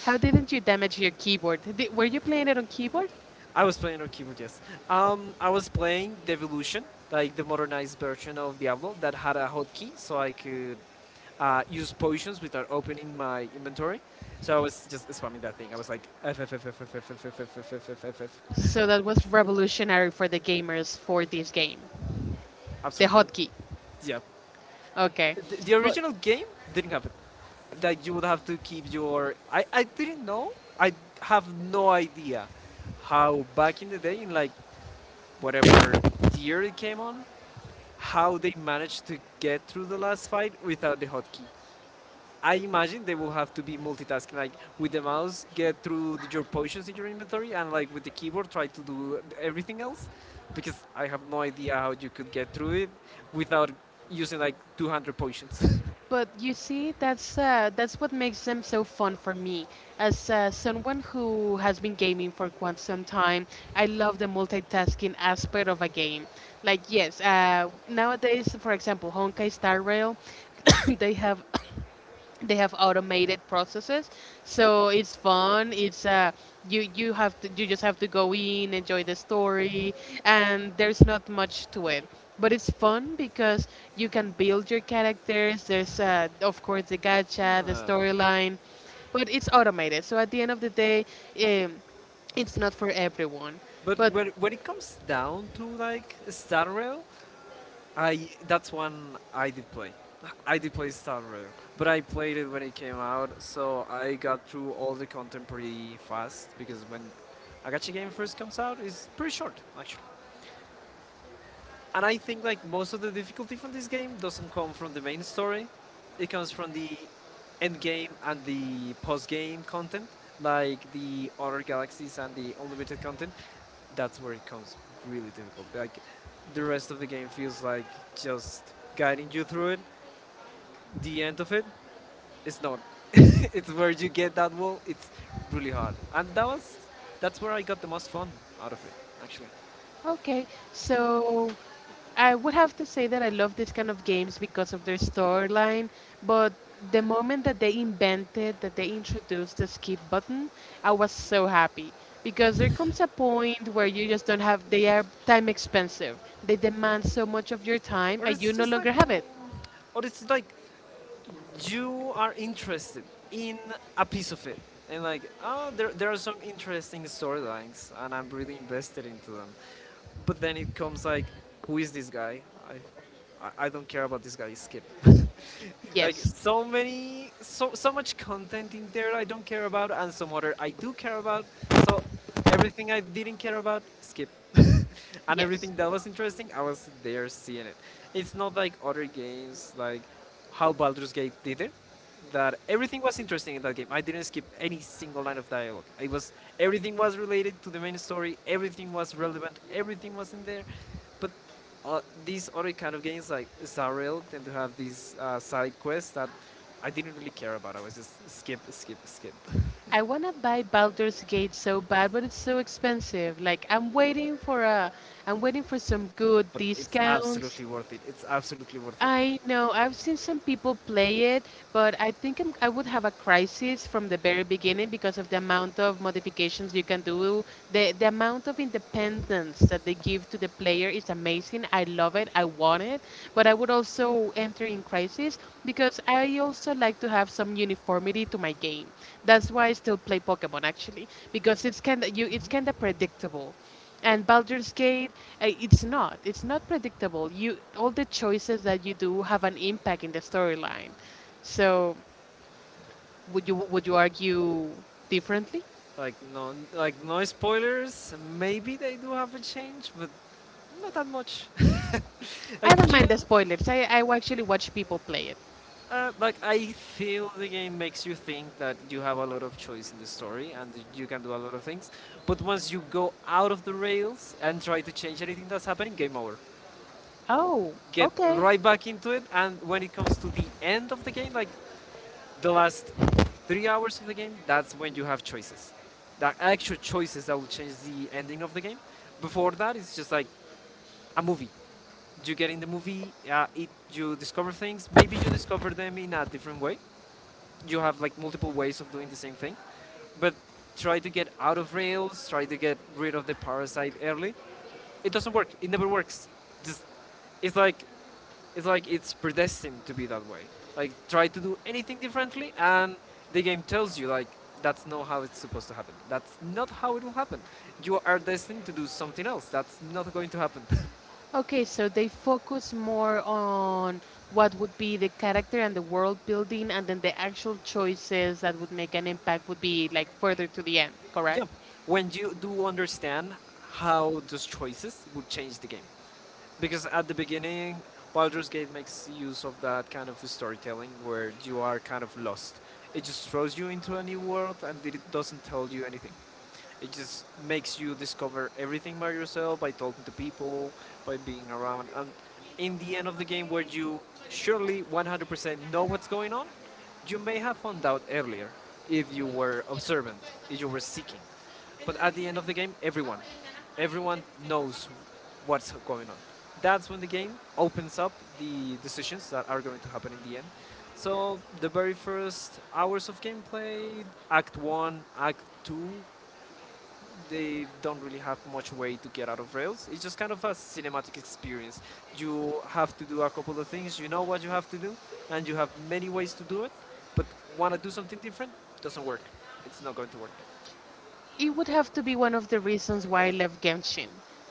Speaker 2: How didn't you damage your keyboard? Were you playing it on keyboard?
Speaker 1: I was playing on keyboard, yes. I was playing the evolution, like the modernized version of Diablo that had a hotkey, so I could use potions without opening my inventory. So I was just spamming that thing. I was like F F F F F F F F F F F F F F.
Speaker 2: So that was revolutionary for the gamers for this game. The
Speaker 1: Absolutely,
Speaker 2: hotkey.
Speaker 1: yeah.
Speaker 2: Okay.
Speaker 1: The
Speaker 2: But
Speaker 1: original game didn't have it. Like you would have to keep your. I didn't know. I have no idea how back in the day in like whatever year it came on, how they managed to get through the last fight without the hotkey. I imagine they will have to be multitasking, like with the mouse, get through your potions in your inventory, and like with the keyboard, try to do everything else. Because I have no idea how you could get through it without using like 200 potions.
Speaker 2: you see that's what makes them so fun for me. As someone who has been gaming for quite some time, I love the multitasking aspect of a game. Like yes, nowadays for example, Honkai Star Rail, they have they have automated processes, so it's fun, it's you just have to go in, enjoy the story, and there's not much to it, but it's fun because you can build your characters. There's of course the gacha, the storyline, but it's automated, so at the end of the day, um, it's not for everyone.
Speaker 1: But but
Speaker 2: But
Speaker 1: when when it comes down to like Star Rail, I that's one I did play. I did play Star Raider, but I played it when it came out, so I got through all the contemporary fast because when a gacha game first comes out, it's pretty short actually. And I think like most of the difficulty from this game doesn't come from the main story; it comes from the end game and the post game content, like the other galaxies and the unlimited content. That's where it becomes really difficult. Like the rest of the game feels like just guiding you through it. The end of it, it's not. It's where you get that wall. It's really hard, and that's where I got the most fun out of it, actually.
Speaker 2: Okay, so I would have to say that I love this kind of games because of their storyline, but the moment that they invented, that they introduced the skip button, I was so happy because there comes a point where you just don't have, they are time expensive. They demand so much of your time
Speaker 1: Or
Speaker 2: and you
Speaker 1: it's
Speaker 2: no
Speaker 1: just like,
Speaker 2: longer have it.
Speaker 1: or it's like you are interested in a piece of it, and like, oh, there are some interesting storylines and I'm really invested into them, but then it comes like, who is this guy? I, I don't care about this guy. Skip. Like
Speaker 2: Yes,
Speaker 1: so many, so so much content in there I don't care about, and some other I do care about. So everything I didn't care about, skip. And
Speaker 2: yes.
Speaker 1: everything that was interesting, I was there seeing it. It's not like other games, like how Baldur's Gate did it, that everything was interesting in that game. I didn't skip any single line of dialogue. It was Everything was related to the main story. Everything was relevant. Everything was in there. But these other kind of games like Zarel tend to have these side quests that I didn't really care about. I was just skip, skip, skip.
Speaker 2: I want to buy Baldur's Gate so bad, but it's so expensive. I'm waiting for some good
Speaker 1: But it's
Speaker 2: discounts.
Speaker 1: absolutely worth it. It's absolutely worth it.
Speaker 2: I know. I've seen some people play it, but I would have a crisis from the very beginning because of the amount of modifications you can do. The amount of independence that they give to the player is amazing. I love it. I want it, but I would also enter in crisis because I also like to have some uniformity to my game. That's why I still play Pokemon, actually, because it's
Speaker 1: Mm-hmm.
Speaker 2: kind of predictable. And Baldur's Gate, it's not. It's not predictable. You, all the choices that you do have an impact in the storyline. So would you argue differently?
Speaker 1: Like no spoilers. Maybe they do have a change, but not that much.
Speaker 2: I
Speaker 1: like
Speaker 2: don't
Speaker 1: you,
Speaker 2: mind the spoilers. I actually watch people play it.
Speaker 1: like I feel the game makes you think that you have a lot of choice in the story and you can do a lot of things. But once you go out of the rails and try to change anything that's happening, game over.
Speaker 2: Oh,
Speaker 1: Get
Speaker 2: okay.
Speaker 1: right back into it, and when it comes to the end of the game, like the last 3 hours of the game, that's when you have choices. The actual choices that will change the ending of the game. Before that, it's just like a movie. You get in the movie, it you discover things. Maybe you discover them in a different way. You have like multiple ways of doing the same thing, but try to get out of rails. Try to get rid of the parasite early. It doesn't work. It never works. Just it's like it's like it's predestined to be that way. Like try to do anything differently, and the game tells you like that's not how it's supposed to happen. That's not how it will happen. You are destined to do something else. That's not going to happen.
Speaker 2: Okay, so they focus more on what would be the character and the world building, and then the actual choices that would make an impact would be like further to the end, correct?
Speaker 1: Yeah, when you do understand how those choices would change the game. Because at the beginning, Baldur's Gate makes use of that kind of storytelling where you are kind of lost. It just throws you into a new world, and it doesn't tell you anything. It just makes you discover everything by yourself, by talking to people, by being around. And in the end of the game, where you surely 100% know what's going on, you may have found out earlier if you were observant, if you were seeking. But at the end of the game, everyone knows what's going on. That's when the game opens up the decisions that are going to happen in the end. So the very first hours of gameplay, Act One, Act Two, they don't really have much way to get out of Rails. It's just kind of a cinematic experience. You have to do a couple of things. You know what you have to do, and you have many ways to do it. But want to do something different? Doesn't work. It's not going to work.
Speaker 2: It would have to be one of the reasons why I left Genshin.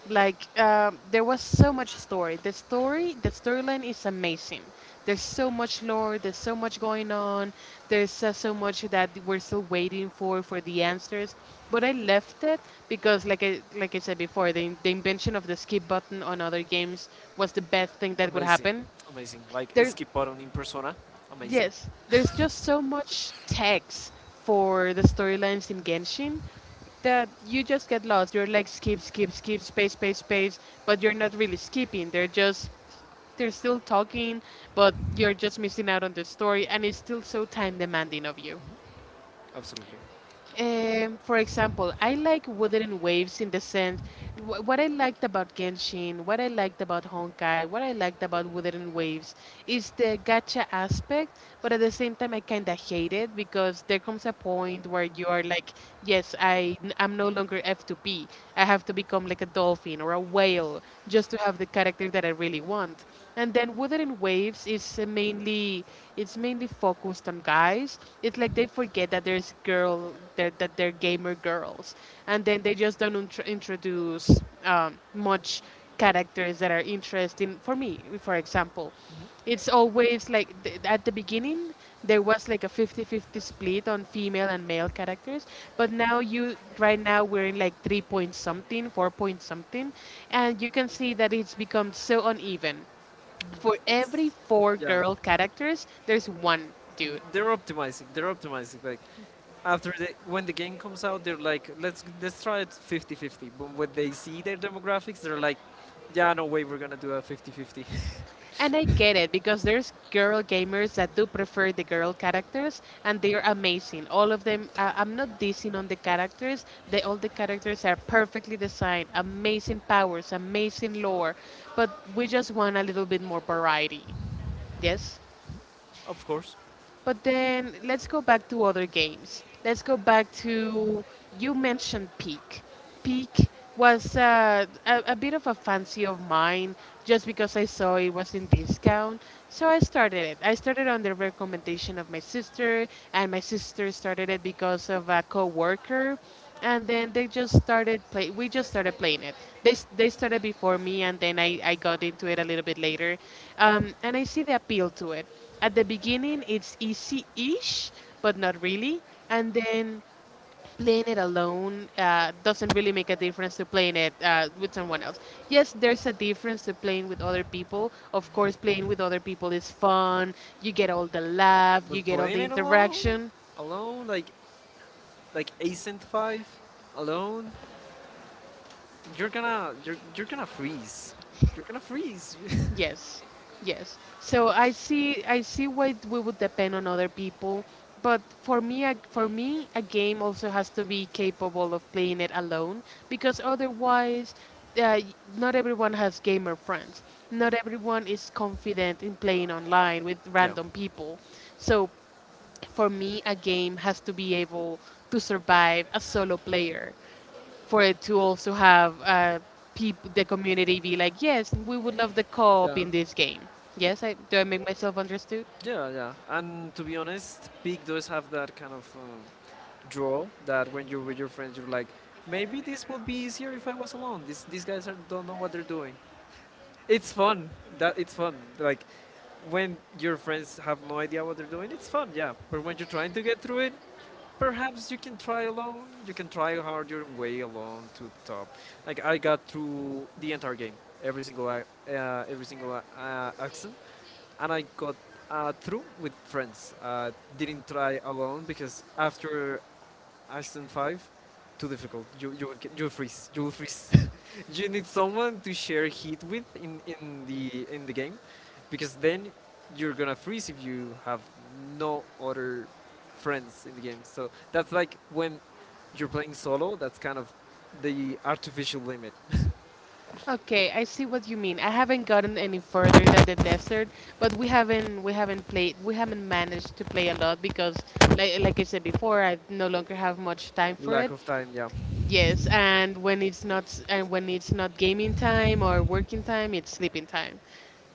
Speaker 2: There was so much story. The storyline is amazing. There's so much lore. There's so much going on. There's so much that we're still waiting for the answers. But I left it because, I said before, the invention of the skip button on other games was the best thing that could
Speaker 1: Amazing,
Speaker 2: happen.
Speaker 1: amazing. Like
Speaker 2: There's
Speaker 1: skip button in persona. Amazing,
Speaker 2: Yes, there's just so much text for the storylines in Genshin that you just get lost. You're like skip, skip, skip, space, space, space, but you're not really skipping. They're still talking, but you're just missing out on the story, and it's still so time demanding of you.
Speaker 1: absolutely.
Speaker 2: For example, I like Wuthering Waves in the sense, what I liked about Genshin, what I liked about Honkai, what I liked about Wuthering Waves is the gacha aspect, but at the same time, I kind of hate it because there comes a point where you are like, yes, am no longer F2P. I have to become like a dolphin or a whale just to have the character that I really want. And then Wuthering Waves is it's mainly only focused on guys. It's like they forget that that they're gamer girls, and then they just don't introduce much characters that are interesting. For me, for example,
Speaker 1: Mhm.
Speaker 2: it's always like at the beginning there was like a 50-50 split on female and male characters, but now you right now we're in like 3 point something, 4 point something, and you can see that it's become so uneven. For
Speaker 1: It's,
Speaker 2: every four
Speaker 1: yeah.
Speaker 2: girl characters, there's one dude.
Speaker 1: They're optimizing. They're optimizing. Like after the when the game comes out, they're like, let's try it 50-50. But when they see their demographics, they're like, yeah, no way, we're gonna do a 50-50.
Speaker 2: And I get it because there's girl gamers that do prefer the girl characters, and they're amazing. All of them. I'm not dissing on the characters. They All the characters are perfectly designed, amazing powers, amazing lore. But we just want a little bit more variety. Yes.
Speaker 1: Of course.
Speaker 2: But then let's go back to other games. Let's go back to You mentioned Peak. Peak was a bit of a fancy of mine just because I saw it was in discount. So I started it. I started on the recommendation of my sister, and my sister started it because of a coworker, and then they just started play we just started playing it. They started before me, and then I got into it a little bit later. And I see the appeal to it. At the beginning it's easy-ish, but not really, and then playing it alone doesn't really make a difference to playing it with someone else. Yes, there's a difference to playing with other people. Of course playing with other people is fun. You get all the laugh, you
Speaker 1: But
Speaker 2: get all
Speaker 1: playing
Speaker 2: the
Speaker 1: it alone,
Speaker 2: interaction.
Speaker 1: alone, like Ascent Five, alone, you're gonna freeze. You're gonna freeze.
Speaker 2: Yes, yes. So I see why we would depend on other people, but for me, a game also has to be capable of playing it alone because otherwise, uh, y- not everyone has gamer friends. Not everyone is confident in playing online with
Speaker 1: Yeah.
Speaker 2: random people. So for me, a game has to be able to survive a solo player for it to also have the community be like, yes, we would love the co-op
Speaker 1: Yeah.
Speaker 2: in this game. Yes, do I make myself understood?
Speaker 1: Yeah, yeah. And to be honest, Peak does have that kind of draw that when you're with your friends, you're like, maybe this would be easier if I was alone. These guys are, don't know what they're doing. It's fun. That it's fun. Like when your friends have no idea what they're doing, it's fun. Yeah. But when you're trying to get through it, perhaps you can try alone. You can try hard your way alone to the top. Like I got through the entire game, every single accent, and I got through with friends. Didn't try alone because after Aston Five, too difficult. You will freeze. You will freeze. You need someone to share heat with in the game, because then you're gonna freeze if you have no other friends in the game. So that's like when you're playing solo. That's kind of the artificial limit.
Speaker 2: Okay, I see what you mean. I haven't gotten any further than the desert, but we haven't managed to play a lot because like I said before, I no longer have much time for
Speaker 1: Lack
Speaker 2: it.
Speaker 1: of time. Yeah.
Speaker 2: Yes, and when it's not gaming time or working time, it's sleeping time.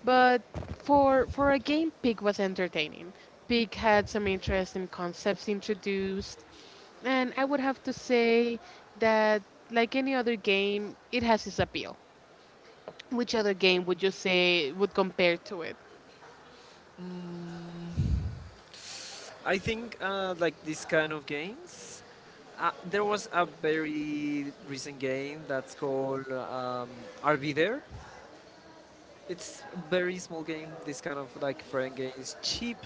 Speaker 2: But for a game, Pig was entertaining. Pig had some interesting concepts introduced, and I would have to say that like any other game, it has its appeal. Which other game would you say would compare to it?
Speaker 1: Mm. I think like this kind of games. There was a very recent game that's called RV There. It's a very small game. This kind of like friend game is cheap,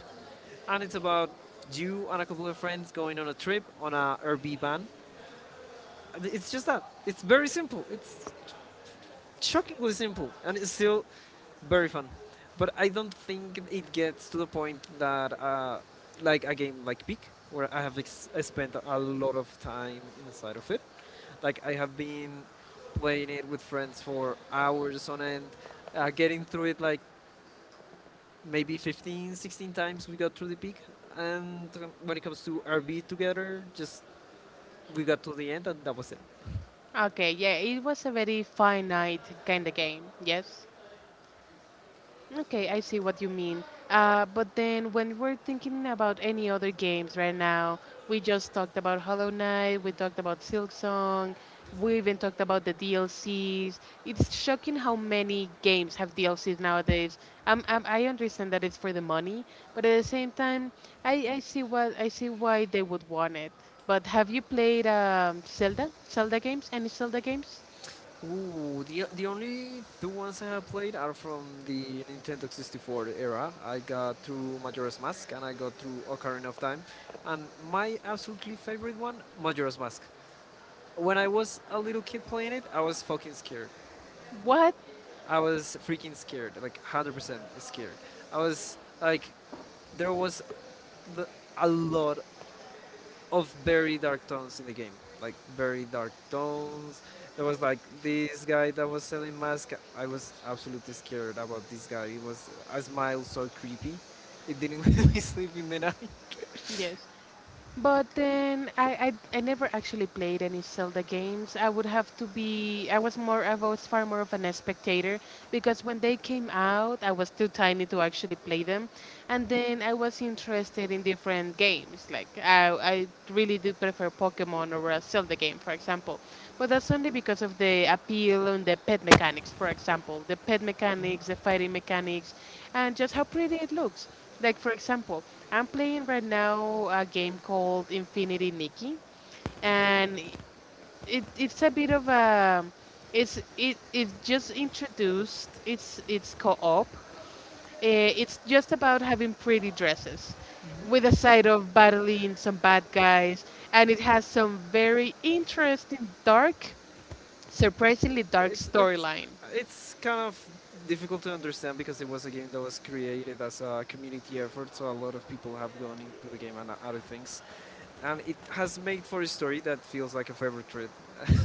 Speaker 1: and it's about you and a couple of friends going on a trip on a RV van. It's just that. It's very simple. It's shockingly simple, and it's still very fun. But I don't think it gets to the point that like a game like Peak, where I spent a lot of time inside of it. Like I have been playing it with friends for hours on end, getting through it like maybe 15, 16 times we got through the Peak. And when it comes to RB together, just we got to the end and that was it.
Speaker 2: Okay, yeah, it was a very finite kind of game. Yes. Okay, I see what you mean. But then when we're thinking about any other games right now, we just talked about Hollow Knight, we talked about Silk Song, we even talked about the DLCs. It's shocking how many games have DLCs nowadays. I understand that it's for the money, but at the same time, I see what I see why they would want it. But have you played Zelda? Zelda games? Any Zelda games?
Speaker 1: Ooh, the only two ones I have played are from the Nintendo 64 era. I got through Majora's Mask and I got through Ocarina of Time, and my absolutely favorite one, Majora's Mask. When I was a little kid playing it, I was fucking scared.
Speaker 2: What?
Speaker 1: I was freaking scared, like 100% scared. I was like, there was the, a lot of very dark tones in the game, like very dark tones. There was like this guy that was selling masks. I was absolutely scared about this guy. He was a smile so creepy. It didn't let me sleep in the night.
Speaker 2: Yes. But then I never actually played any Zelda games. I would have to be I was far more of an spectator because when they came out I was too tiny to actually play them. And then I was interested in different games. Like I really do prefer Pokemon over a Zelda game, for example. But that's only because of the appeal and the pet mechanics, for example. The pet mechanics, the fighting mechanics, and just how pretty it looks. Like for example, I'm playing right now a game called Infinity Nikki, and it it's a bit of a it just introduced, it's co-op. Eh, it's just about having pretty dresses, with a side of battling some bad guys, and it has some very interesting, dark, surprisingly dark
Speaker 1: it's it's
Speaker 2: storyline.
Speaker 1: it's kind of difficult to understand because it was a game that was created as a community effort, so a lot of people have gone into the game and other things, and it has made for a story that feels like a favorite trip,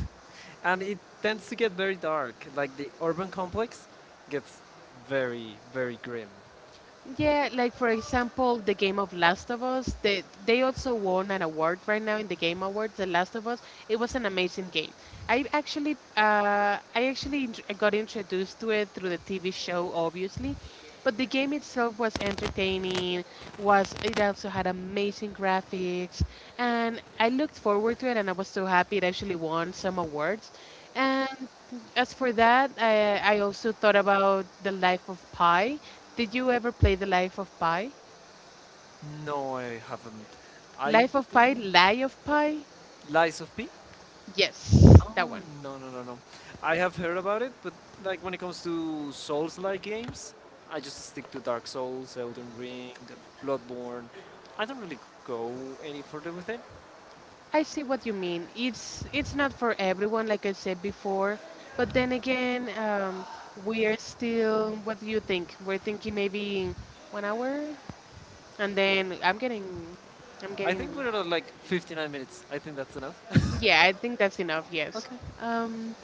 Speaker 1: and it tends to get very dark. Like the urban complex gets very very grim.
Speaker 2: Yeah, like for example, the game of Last of Us, they also won an award right now in the Game Awards. The Last of Us, it was an amazing game. I actually got introduced to it through the TV show, obviously, but the game itself was entertaining. Was it also had amazing graphics, and I looked forward to it, and I was so happy it actually won some awards. And as for that, I also thought about The Life of Pi. Did you ever play The Life of Pi?
Speaker 1: No, I haven't. I
Speaker 2: Life of Pi,
Speaker 1: didn't.
Speaker 2: Lie of Pi?
Speaker 1: Lies of P.
Speaker 2: Yes, that
Speaker 1: Oh,
Speaker 2: one.
Speaker 1: no, no, no, no. I have heard about it, but like when it comes to Souls-like games, I just stick to Dark Souls, Elden Ring, Bloodborne. I don't really go any further with it.
Speaker 2: I see what you mean. It's not for everyone, like I said before. But then again, we are still. What do you think? We're thinking maybe 1 hour, and then I'm getting, I'm
Speaker 1: I
Speaker 2: getting.
Speaker 1: think we're at like 59 minutes. I think that's enough.
Speaker 2: Yeah, I think that's enough. Yes.
Speaker 1: Okay.
Speaker 2: Um,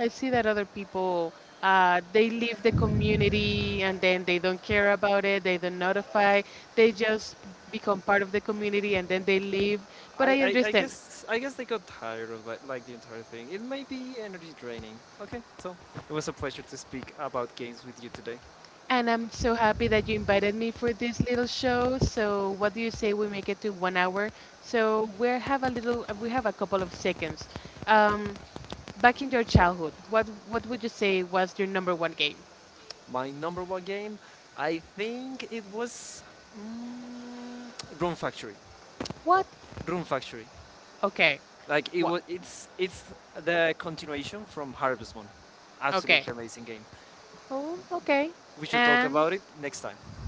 Speaker 2: I see that other people they leave the community and then they don't care about it. They don't notify. They just become part of the community and then they leave.
Speaker 1: I,
Speaker 2: But I
Speaker 1: I, I
Speaker 2: understand,
Speaker 1: guess I guess they got tired of like, the entire thing. It may be energy draining. Okay, so it was a pleasure to speak about games with you today.
Speaker 2: and I'm so happy that you invited me for this little show. So what do you say we make it to 1 hour? So we have a little. We have a couple of seconds. Um, Back in your childhood, what would you say was your number one game?
Speaker 1: My number one game, I think it was mm, Rune Factory.
Speaker 2: What?
Speaker 1: Room Factory.
Speaker 2: Okay.
Speaker 1: Like it
Speaker 2: What?
Speaker 1: was, it's the continuation from Harvest Moon.
Speaker 2: Okay.
Speaker 1: Absolutely amazing game.
Speaker 2: Oh, okay.
Speaker 1: We should talk
Speaker 2: And
Speaker 1: about it next time.